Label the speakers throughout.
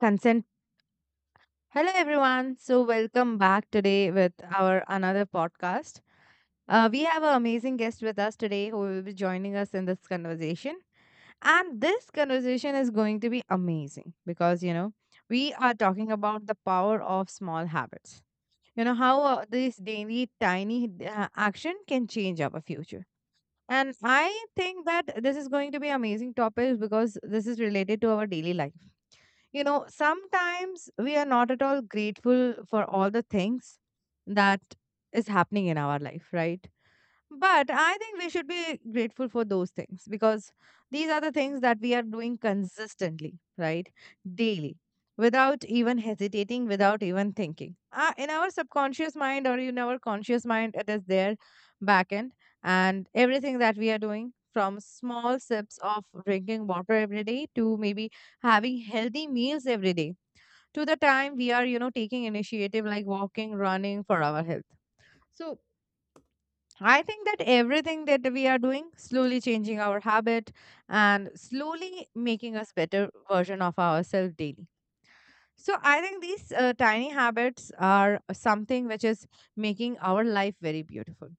Speaker 1: Consent. Hello, everyone. So, welcome back today with our another podcast. We have an amazing guest with us today who will be joining us in this conversation. And this conversation is going to be amazing because, you know, we are talking about the power of small habits. You know, how these daily tiny action can change our future. And I think that this is going to be amazing topic because this is related to our daily life, you know, sometimes we are not at all grateful for all the things that is happening in our life, right? But I think we should be grateful for those things because these are the things that we are doing consistently, right? Daily, without even hesitating, without even thinking. In our subconscious mind or in our conscious mind, it is there back end. And everything that we are doing from small sips of drinking water every day to maybe having healthy meals every day to the time we are, you know, taking initiative like walking, running for our health. So I think that everything that we are doing, slowly changing our habit and slowly making us better version of ourselves daily. So I think these tiny habits are something which is making our life very beautiful.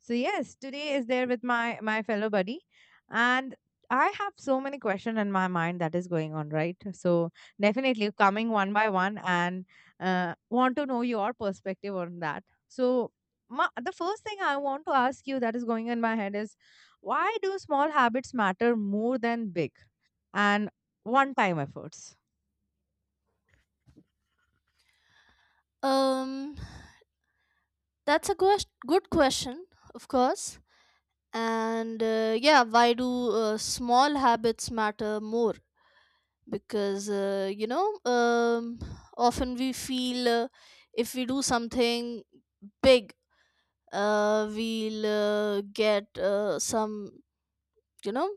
Speaker 1: So yes, today is there with my fellow buddy, and I have so many questions in my mind that is going on right. So definitely coming one by one and want to know your perspective on that. So ma the first thing I want to ask you that is going in my head is why do small habits matter more than big and one time efforts?
Speaker 2: Um, that's a good question, of course. And yeah, why do small habits matter more? Because uh, you know, um, often we feel if we do something big, we'll get some you know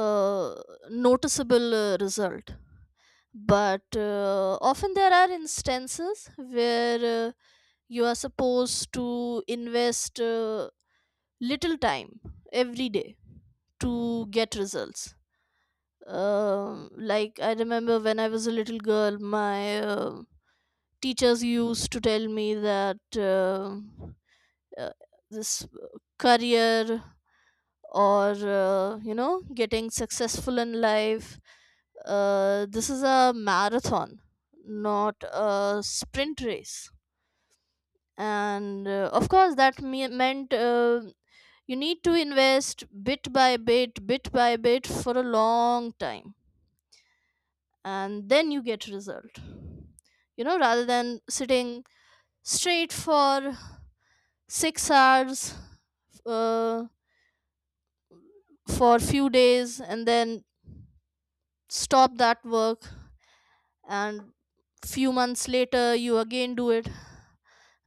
Speaker 2: uh, noticeable result. But often there are instances where you are supposed to invest little time every day to get results. Like I remember when I was a little girl, my teachers used to tell me that uh, this career or uh, you know getting successful in life, this is a marathon, not a sprint race. And Of course, that meant you need to invest bit by bit, bit by bit for a long time, and then you get result, you know, rather than sitting straight for 6 hours, uh, for few days, and then stop that work, and few months later you again do it.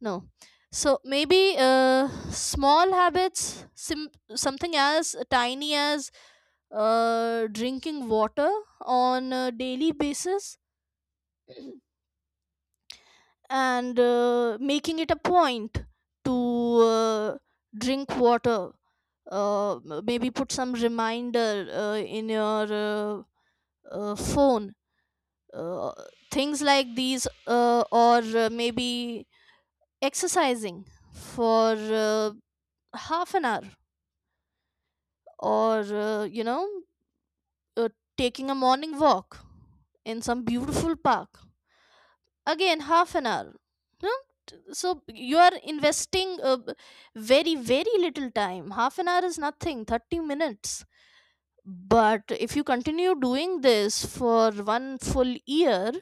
Speaker 2: No. So maybe small habits, something as tiny as drinking water on a daily basis, and making it a point to drink water. Maybe put some reminder in your phone. Uh, Things like these, or maybe exercising for half an hour, or uh, taking a morning walk in some beautiful park, again half an hour, you know? So you are investing very little time. Half an hour is nothing, 30 minutes. But if you continue doing this for one full year,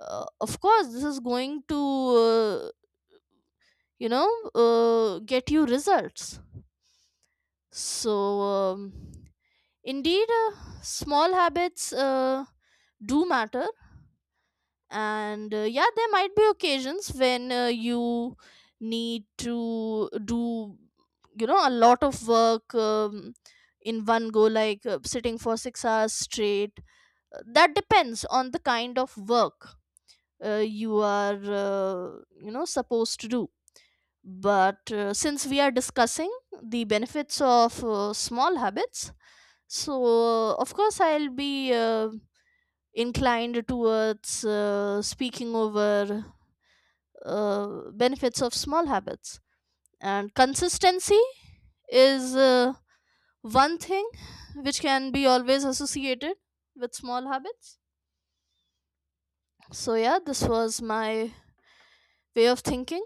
Speaker 2: of course this is going to, you know get you results. so um, Indeed, small habits do matter, and yeah, there might be occasions when you need to do, you know, a lot of work in one go, like sitting for 6 hours straight. That depends on the kind of work you are, supposed to do. But since we are discussing the benefits of small habits, so, of course, I'll be inclined towards speaking over benefits of small habits. And consistency is one thing which can be always associated with small habits. So, yeah, this was my way of thinking.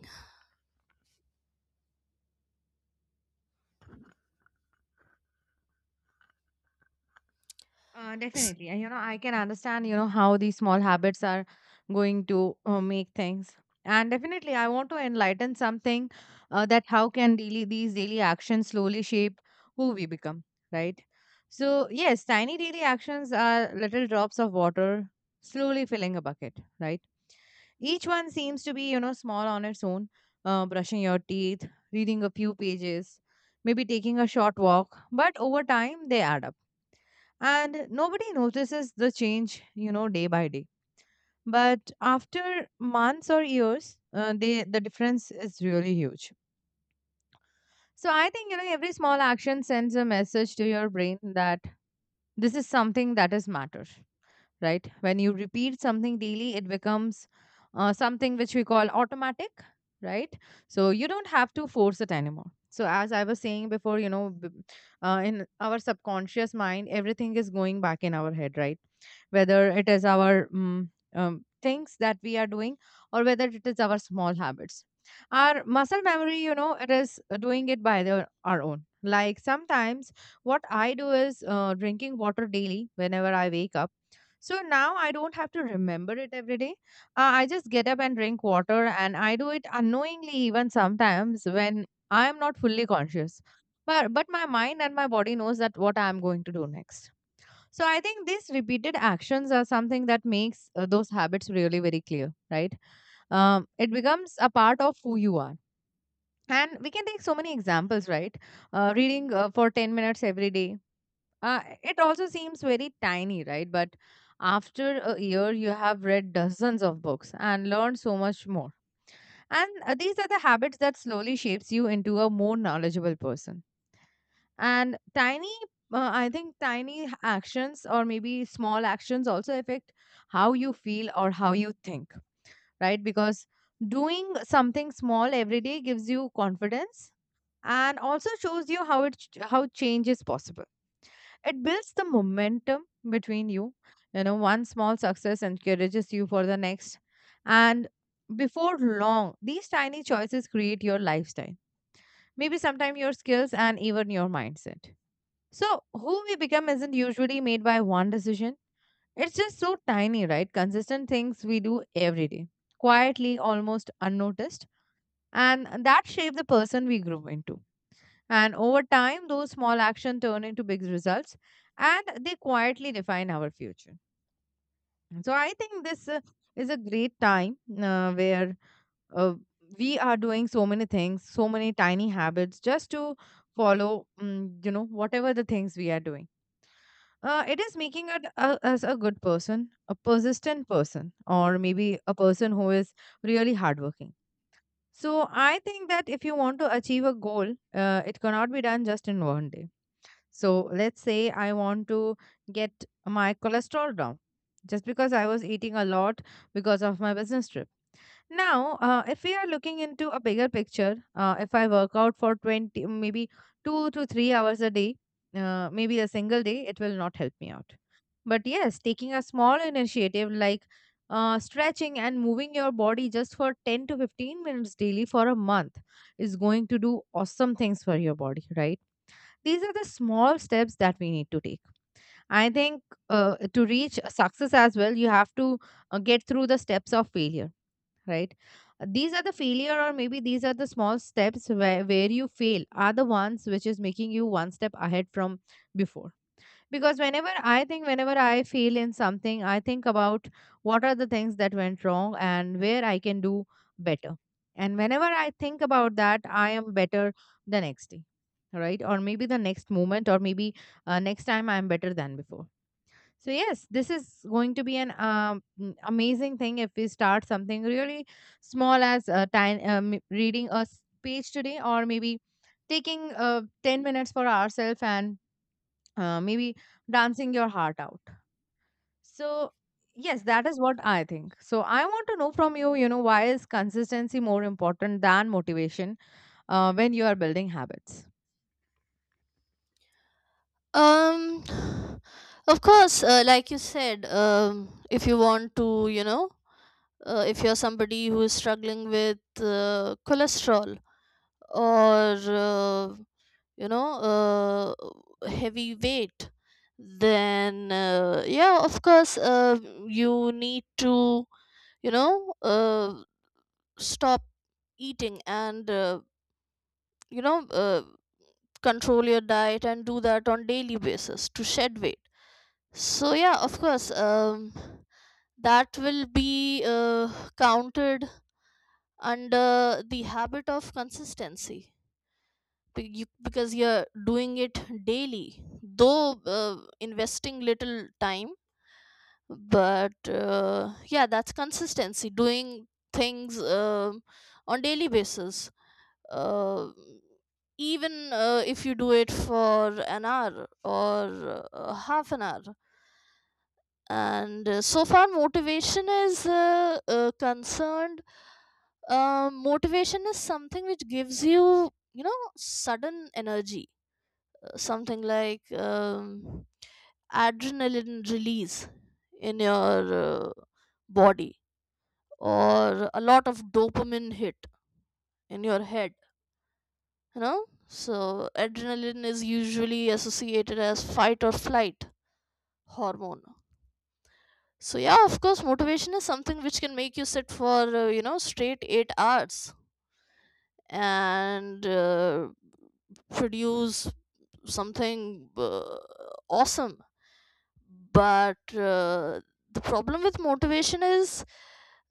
Speaker 2: S-
Speaker 1: Definitely. And, you know, I can understand, you know, how these small habits are going to make things. And definitely, I want to enlighten something that how can daily these daily actions slowly shape who we become, right? So, yes, tiny daily actions are little drops of water slowly filling a bucket, right? Each one seems to be, you know, small on its own. Brushing your teeth, reading a few pages, maybe taking a short walk, but over time they add up and nobody notices the change, you know, day by day, but after months or years the difference is really huge. So I think, you know, every small action sends a message to your brain that this is something that is matter, right? When you repeat something daily, it becomes something which we call automatic, right? So you don't have to force it anymore. So as I was saying before, you know, in our subconscious mind, everything is going back in our head, right? Whether it is our things that we are doing or whether it is our small habits. Our muscle memory, you know, it is doing it by our own. Like sometimes what I do is drinking water daily whenever I wake up, so now I don't have to remember it every day. I just get up and drink water, and I do it unknowingly, even sometimes when I am not fully conscious. But my mind and my body knows that what I am going to do next. So I think these repeated actions are something that makes those habits really very clear, right? It becomes a part of who you are. And we can take so many examples, right? Reading for 10 minutes every day, it also seems very tiny, right? But after a year, you have read dozens of books and learned so much more. And these are the habits that slowly shapes you into a more knowledgeable person. And I think actions or maybe small actions also affect how you feel or how you think, right? Because doing something small every day gives you confidence and also shows you how change is possible. It builds the momentum between you. You know, one small success encourages you for the next. And before long, these tiny choices create your lifestyle. Maybe sometimes your skills and even your mindset. So, who we become isn't usually made by one decision. It's just so tiny, right? Consistent things we do every day, quietly, almost unnoticed. And that shape the person we grow into. And over time, those small actions turn into big results and they quietly define our future. So I think this is a great time where uh, we are doing so many things, so many tiny habits just to follow, mm, you know, whatever the things we are doing. It is making us a good person, a persistent person, or maybe a person who is really hardworking. So I think that if you want to achieve a goal, it cannot be done just in one day. So let's say I want to get my cholesterol down just because I was eating a lot because of my business trip. Now, if we are looking into a bigger picture, if I work out for 20, maybe two to three hours a day, maybe a single day, it will not help me out. But yes, taking a small initiative like stretching and moving your body just for 10 to 15 minutes daily for a month is going to do awesome things for your body, right? These are the small steps that we need to take. I think to reach success as well, you have to get through the steps of failure, right? These are the failure, or maybe these are the small steps where you fail, are the ones which is making you one step ahead from before, because whenever I feel in something, I think about what are the things that went wrong and where I can do better. And whenever I think about that, I am better the next day, right? Or maybe the next moment, or maybe next time I'm better than before. So yes, this is going to be an amazing thing if we start something really small as reading a page today, or maybe taking 10 minutes for ourselves and maybe dancing your heart out. So, yes, that is what I think. So, I want to know from you, you know, why is consistency more important than motivation when you are building habits?
Speaker 2: Um, of course, like you said, if you want to, you know, if you're somebody who is struggling with cholesterol or you know heavy weight, then yeah, of course you need to, you know uh, stop eating and, you know uh, control your diet and do that on daily basis to shed weight. So yeah, of course, that will be counted under the habit of consistency, you, because you're doing it daily, though investing little time. But yeah, that's consistency, doing things on daily basis, uh, even if you do it for an hour or half an hour. And So far motivation is concerned, motivation is something which gives you, you know, sudden energy, something like adrenaline release in your body, or a lot of dopamine hit in your head, you know. So adrenaline is usually associated as fight or flight hormone. So yeah, of course motivation is something which can make you sit for, straight 8 hours and produce something awesome. But the problem with motivation is,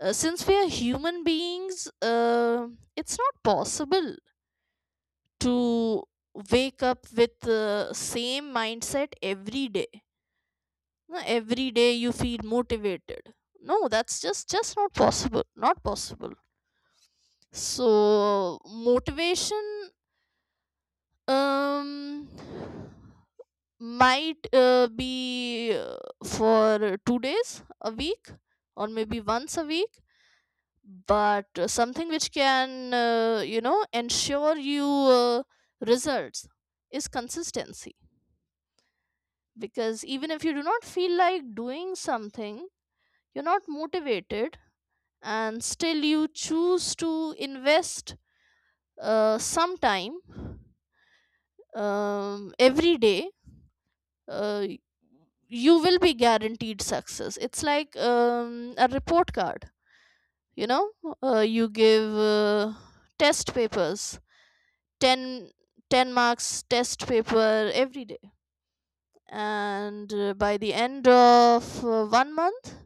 Speaker 2: since we are human beings, it's not possible to wake up with the same mindset every day. No, every day you feel motivated, no, that's just not possible, not possible. So motivation um might be for 2 days a week, or maybe once a week. But something which can, ensure you results is consistency, because even if you do not feel like doing something, you're not motivated, and still you choose to invest some time every day, uh, you will be guaranteed success. It's like a report card, you know, you give test papers, 10 10 marks test paper every day, and by the end of one month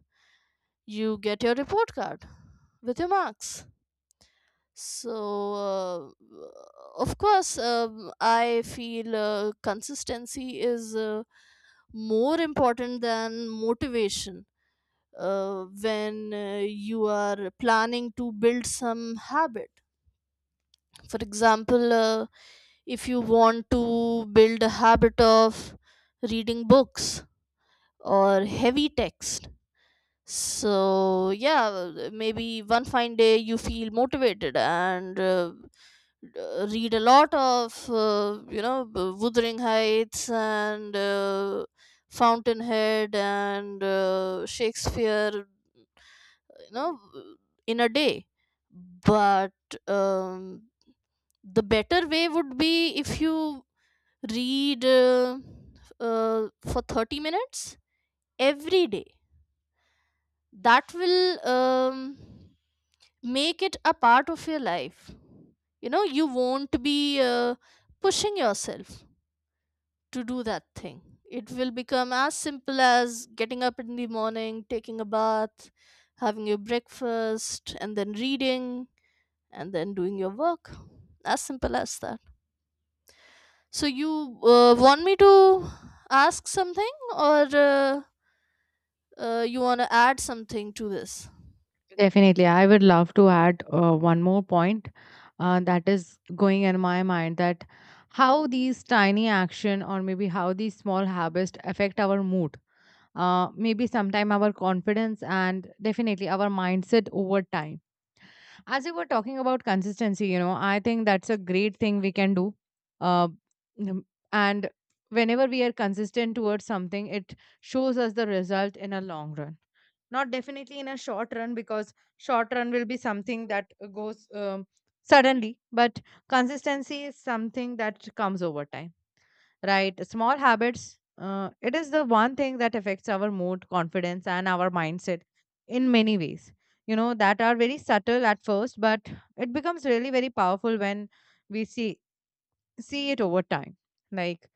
Speaker 2: you get your report card with your marks. so uh, of course, I feel consistency is more important than motivation when you are planning to build some habit. For example, if you want to build a habit of reading books or heavy text, so yeah, maybe one fine day you feel motivated and read a lot of, Wuthering Heights and Fountainhead and Shakespeare, you know, in a day. But um, the better way would be if you read for 30 minutes every day. That will, make it a part of your life. You know, you won't be pushing yourself to do that thing. It will become as simple as getting up in the morning, taking a bath, having your breakfast, and then reading, and then doing your work. As simple as that. So, you want me to ask something, or you want to add something to this?
Speaker 1: Definitely. I would love to add one more point that is going in my mind, that how these tiny action or maybe how these small habits affect our mood, maybe sometime our confidence and definitely our mindset over time. As you were talking about consistency, you know, I think that's a great thing we can do, uh, mm, and whenever we are consistent towards something, it shows us the result in a long run, not definitely in a short run, because short run will be something that goes suddenly, but consistency is something that comes over time, right? Small habits, it is the one thing that affects our mood, confidence and our mindset in many ways, you know, that are very subtle at first, but it becomes really very powerful when we see it over time. Like,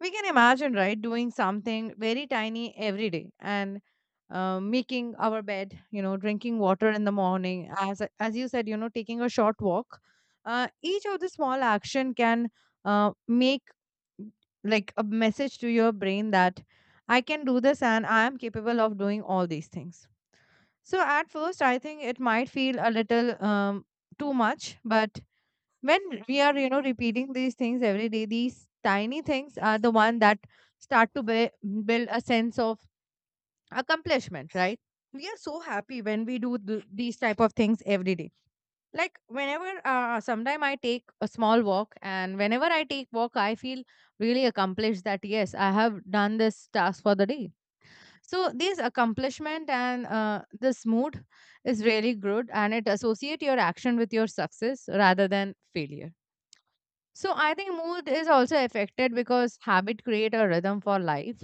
Speaker 1: we can imagine, right, doing something very tiny every day and making our bed, you know, drinking water in the morning, as you said, you know, taking a short walk, each of the small action can make like a message to your brain that I can do this and I am capable of doing all these things. So at first, I think it might feel a little too much, but when we are, you know, repeating these things every day, these tiny things are the one that start to bui- build a sense of accomplishment, right? We are so happy when we do these type of things every day. Like, whenever sometime I take a small walk, and whenever I take walk, I feel really accomplished, that yes, I have done this task for the day. So this accomplishment and this mood is really good, and it associate your action with your success rather than failure. So I think mood is also affected because habit create a rhythm for life.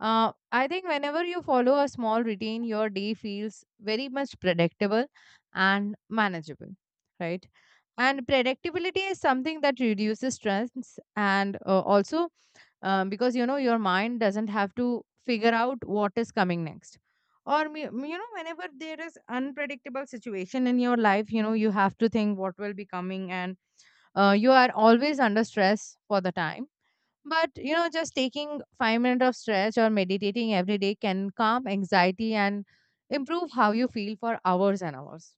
Speaker 1: I think whenever you follow a small routine, your day feels very much predictable and manageable, right? And predictability is something that reduces stress and also because, you know, your mind doesn't have to figure out what is coming next. Or whenever there is unpredictable situation in your life, you have to think what will be coming. And you are always under stress for the time, but just taking 5 minutes of stretch or meditating every day can calm anxiety and improve how you feel for hours and hours.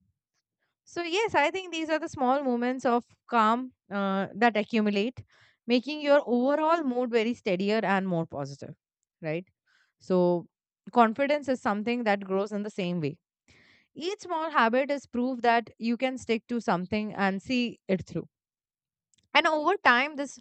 Speaker 1: So yes, I think these are the small moments of calm that accumulate, making your overall mood very steadier and more positive, right? So confidence is something that grows in the same way. Each small habit is proof that you can stick to something and see it through. And over time, this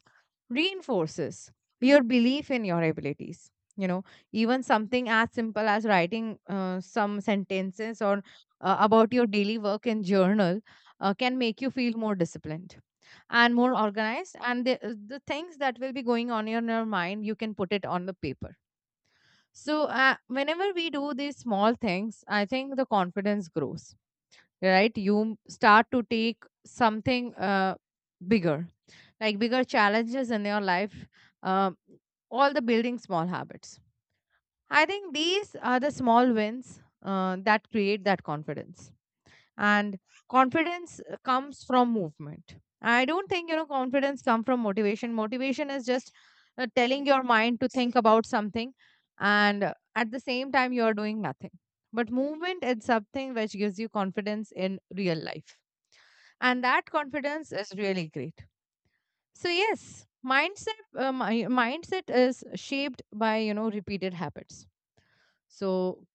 Speaker 1: reinforces your belief in your abilities, you know. Even something as simple as writing some sentences or about your daily work in journal can make you feel more disciplined and more organized. And the things that will be going on in your mind, you can put it on the paper. So whenever we do these small things, I think the confidence grows, right? You start to take something bigger, like bigger challenges in your life. um, all the building small habits, I think these are the small wins that create that confidence. And confidence comes from movement. I don't think, you know, confidence come from motivation. Motivation is just telling your mind to think about something, and at the same time you are doing nothing. But movement is something which gives you confidence in real life, and that confidence is really great. So yes, mindset mindset is shaped by, you know, repeated habits. So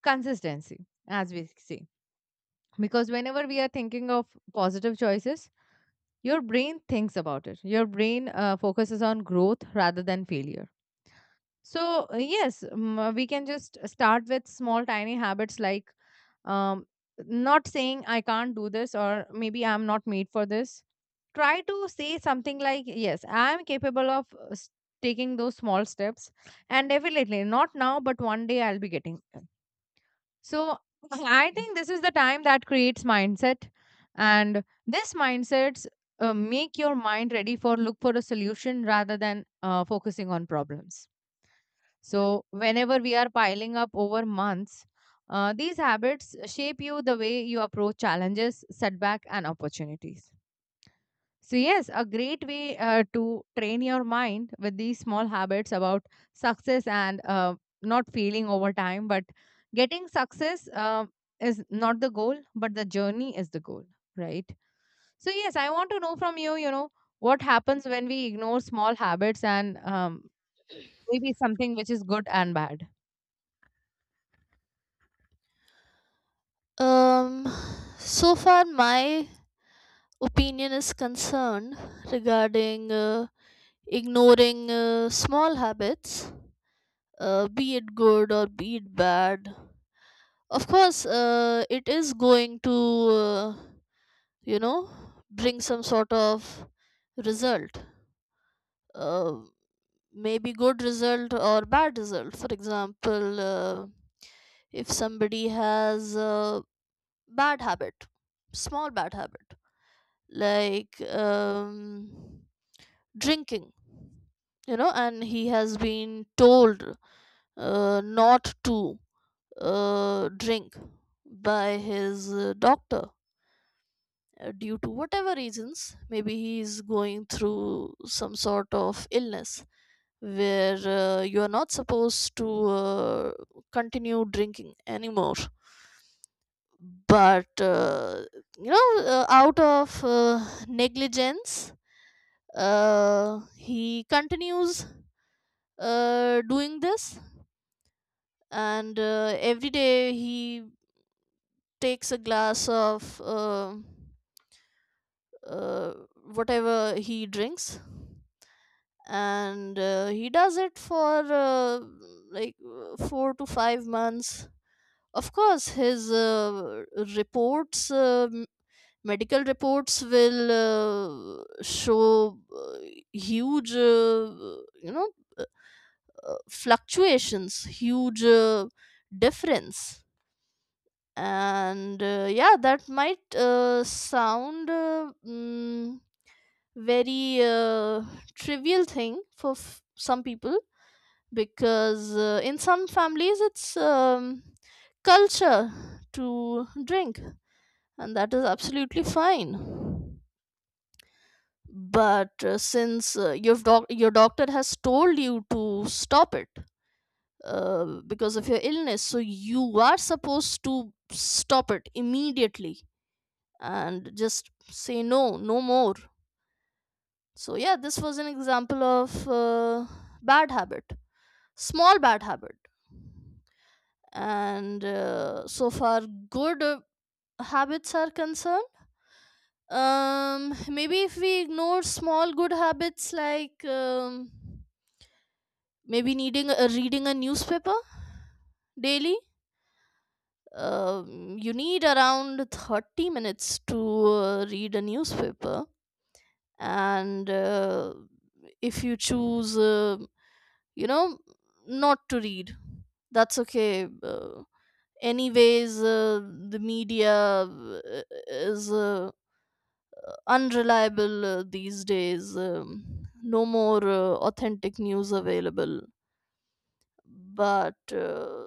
Speaker 1: consistency, as we say, because whenever we are thinking of positive choices, your brain thinks about it. Your brain focuses on growth rather than failure. So, yes, we can just start with small, tiny habits, like um, not saying I can't do this or maybe I'm not made for this. Try to say something like, yes, I'm capable of taking those small steps, and definitely not now, but one day I'll be getting there. So, I think this is the time that creates mindset, and this mindsets make your mind ready for look for a solution rather than focusing on problems. So, whenever we are piling up over months, these habits shape you the way you approach challenges, setback, and opportunities. So yes, a great way to train your mind with these small habits about success and not failing over time, but getting success is not the goal, but the journey is the goal, right? So yes, I want to know from you, you know, what happens when we ignore small habits, and maybe something which is good and bad.
Speaker 2: Um, so far, my opinion is concerned regarding ignoring small habits, be it good or be it bad. Of course, it is going to, you know, bring some sort of result. Uh, Maybe good result or bad result. For example, if somebody has a bad habit, small bad habit, like drinking, you know, and he has been told not to drink by his doctor, due to whatever reasons, maybe he is going through some sort of illness where you are not supposed to continue drinking anymore. But you know Out of negligence, he continues doing this, and every day he takes a glass of uh, whatever he drinks, and he does it for 4 to 5 months. Of course, his reports, medical reports, will show huge, fluctuations, huge difference. And yeah, that might sound very trivial thing for some people, because in some families it's culture to drink, and that is absolutely fine. But since your your doctor has told you to stop it because of your illness, so you are supposed to stop it immediately and just say no, no more. So yeah, this was an example of bad habit, small bad habit. And So far good habits are concerned, maybe if we ignore small good habits, like maybe reading a newspaper daily, you need around 30 minutes to read a newspaper. And If you choose, you know not to read, that's okay. Anyways, the media uh, is unreliable these days. No more authentic news available, but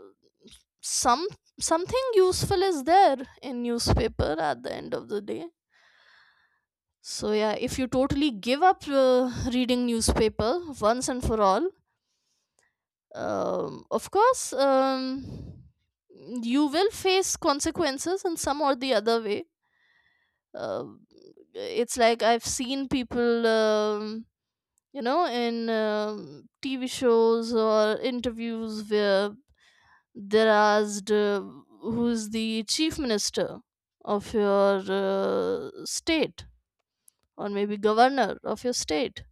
Speaker 2: some something useful is there in newspaper at the end of the day. So yeah, if you totally give up reading newspaper once and for all, of course, you will face consequences in some or the other way. Uh, it's like I've seen people you know, in, TV shows or interviews where they're asked who's the chief minister of your state, or maybe governor of your state,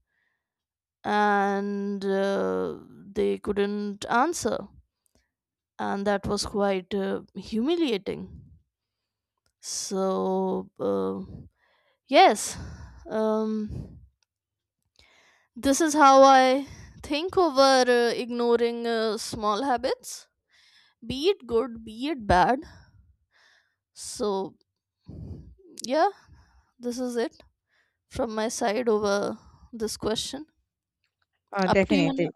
Speaker 2: and they couldn't answer, and that was quite humiliating. so uh, yes, um, this is how I think over ignoring small habits, be it good, be it bad. So, yeah, this is it from my side over this question. Up to you.
Speaker 1: Definitely.
Speaker 2: Now.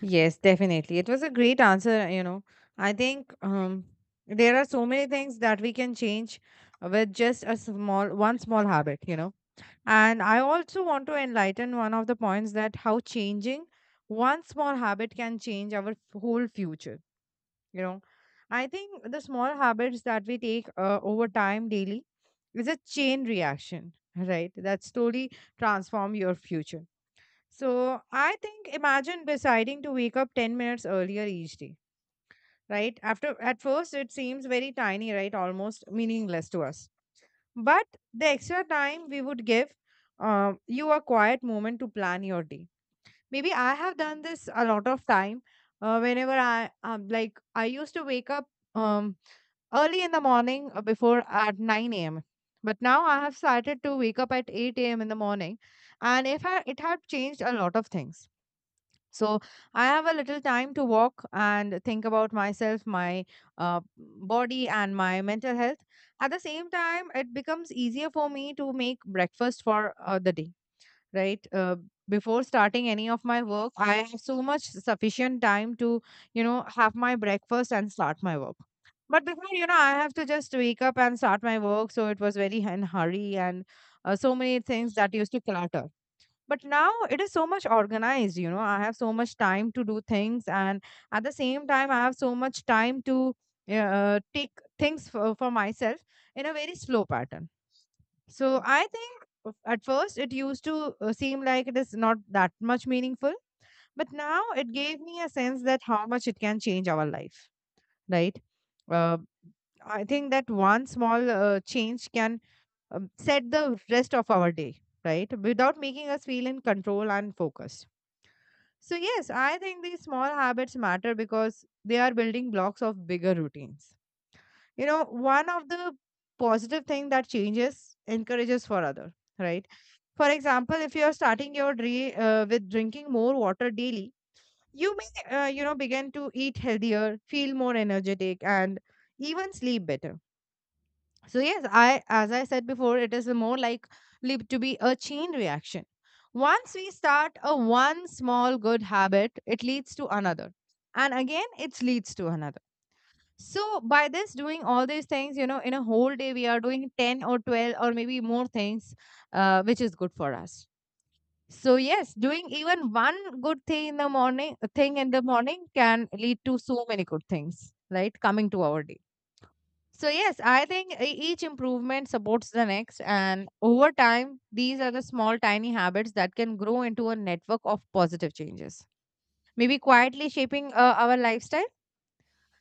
Speaker 1: Yes, definitely. It was a great answer, you know. I think there are so many things that we can change with just a small, one small habit, you know. And I also want to enlighten one of the points that how changing one small habit can change our whole future, you know. I think the small habits that we take over time daily is a chain reaction, right? That slowly transform your future. So I think, imagine deciding to wake up 10 minutes earlier each day, right? After at first it seems very tiny, right? Almost meaningless to us. But the extra time we would give you a quiet moment to plan your day. Maybe I have done this a lot of time. Whenever I used to wake up um, early in the morning before at 9 a.m. But now I have started to wake up at 8 a.m. in the morning, and if I, it had changed a lot of things. So I have a little time to walk and think about myself, my body, and my mental health. At the same time, it becomes easier for me to make breakfast for the day, right? Before starting any of my work, I have so much sufficient time to, you know, have my breakfast and start my work. But before, you know, I have to just wake up and start my work. So it was very in hurry, and so many things that used to clutter. But now it is so much organized, you know, I have so much time to do things, and at the same time I have so much time to take things for myself in a very slow pattern. So I think, at first it used to seem like it is not that much meaningful, but now it gave me a sense that how much it can change our life, right? uh, I think that one small change can set the rest of our day, right? Without making us feel in control and focused. So yes, I think these small habits matter because they are building blocks of bigger routines. You know, one of the positive thing that changes encourages for other, right? For example, if you're starting your day with drinking more water daily, you may, you know, begin to eat healthier, feel more energetic, and even sleep better. So yes, I as I said before, it is more likely to be a chain reaction. Once we start a one small good habit, it leads to another. And again, it leads to another. So by this doing all these things, you know, in a whole day we are doing 10 or 12 or maybe more things, which is good for us. So yes, doing even one good thing in the morning can lead to so many good things, right? Coming to our day. So yes, I think each improvement supports the next. And over time, these are the small, tiny habits that can grow into a network of positive changes, maybe quietly shaping our lifestyle.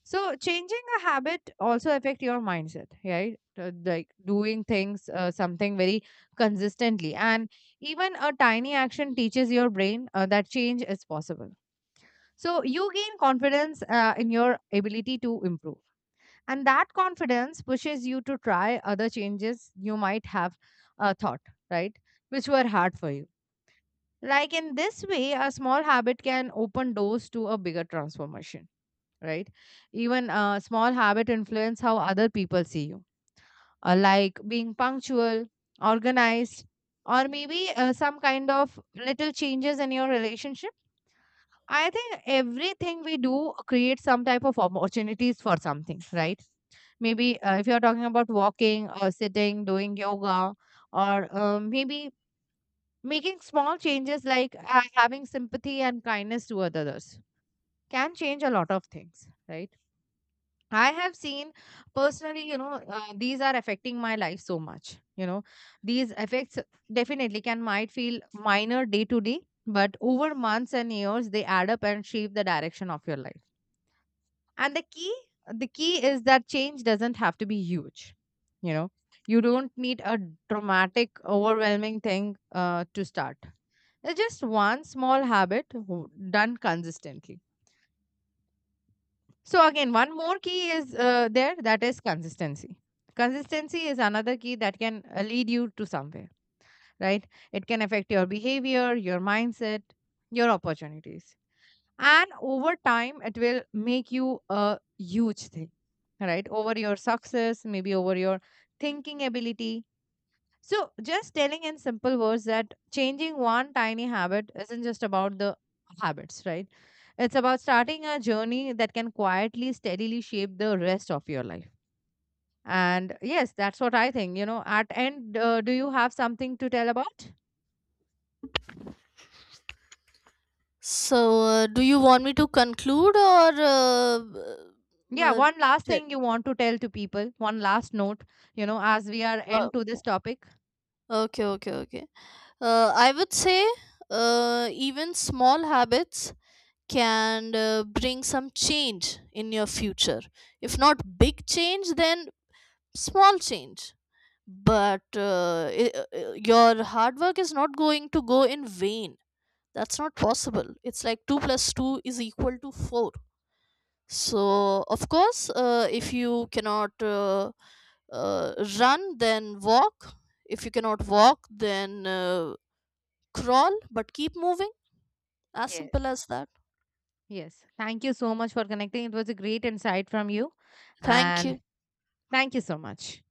Speaker 1: So, changing a habit also affect your mindset, right? Like doing things, something very consistently. And even a tiny action teaches your brain that change is possible. So, you gain confidence in your ability to improve, and that confidence pushes you to try other changes you might have thought, right? Which were hard for you. Like in this way, a small habit can open doors to a bigger transformation, right? Even a small habit influence how other people see you, like being punctual, organized, or maybe some kind of little changes in your relationship. I think everything we do creates some type of opportunities for something, right? Maybe if you're talking about walking or sitting, doing yoga, or maybe making small changes like having sympathy and kindness toward others can change a lot of things, right? I have seen personally, you know, these are affecting my life so much. You know, these effects definitely can might feel minor day to day, but over months and years, they add up and shape the direction of your life. And the key is that change doesn't have to be huge. You know, you don't need a dramatic, overwhelming thing to start. It's just one small habit done consistently. So again, one more key is there, that is consistency. Consistency is another key that can lead you to somewhere, right? It can affect your behavior, your mindset, your opportunities. And over time it will make you a huge thing, right? Over your success, maybe over your thinking ability. So just telling in simple words that changing one tiny habit isn't just about the habits, right? It's about starting a journey that can quietly, steadily shape the rest of your life. And yes, that's what I think, you know. At end, do you have something to tell about?
Speaker 2: So, do you want me to conclude, or?
Speaker 1: Yeah,
Speaker 2: Uh,
Speaker 1: one last
Speaker 2: t-
Speaker 1: thing you want to tell to people, one last note, you know, as we are
Speaker 2: uh,
Speaker 1: end to this topic.
Speaker 2: Okay, okay, okay. I would say even small habits can bring some change in your future. If not big change, then small change. Your hard work is not going to go in vain. That's not possible. It's like 2 plus 2 is equal to 4. So of course, if you cannot uh, run, then walk. If you cannot walk, then crawl, but keep moving. As simple
Speaker 1: Yes.
Speaker 2: as that.
Speaker 1: Yes, thank you so much for connecting. It was a great insight from you.
Speaker 2: Thank
Speaker 1: And
Speaker 2: you.
Speaker 1: thank you so much.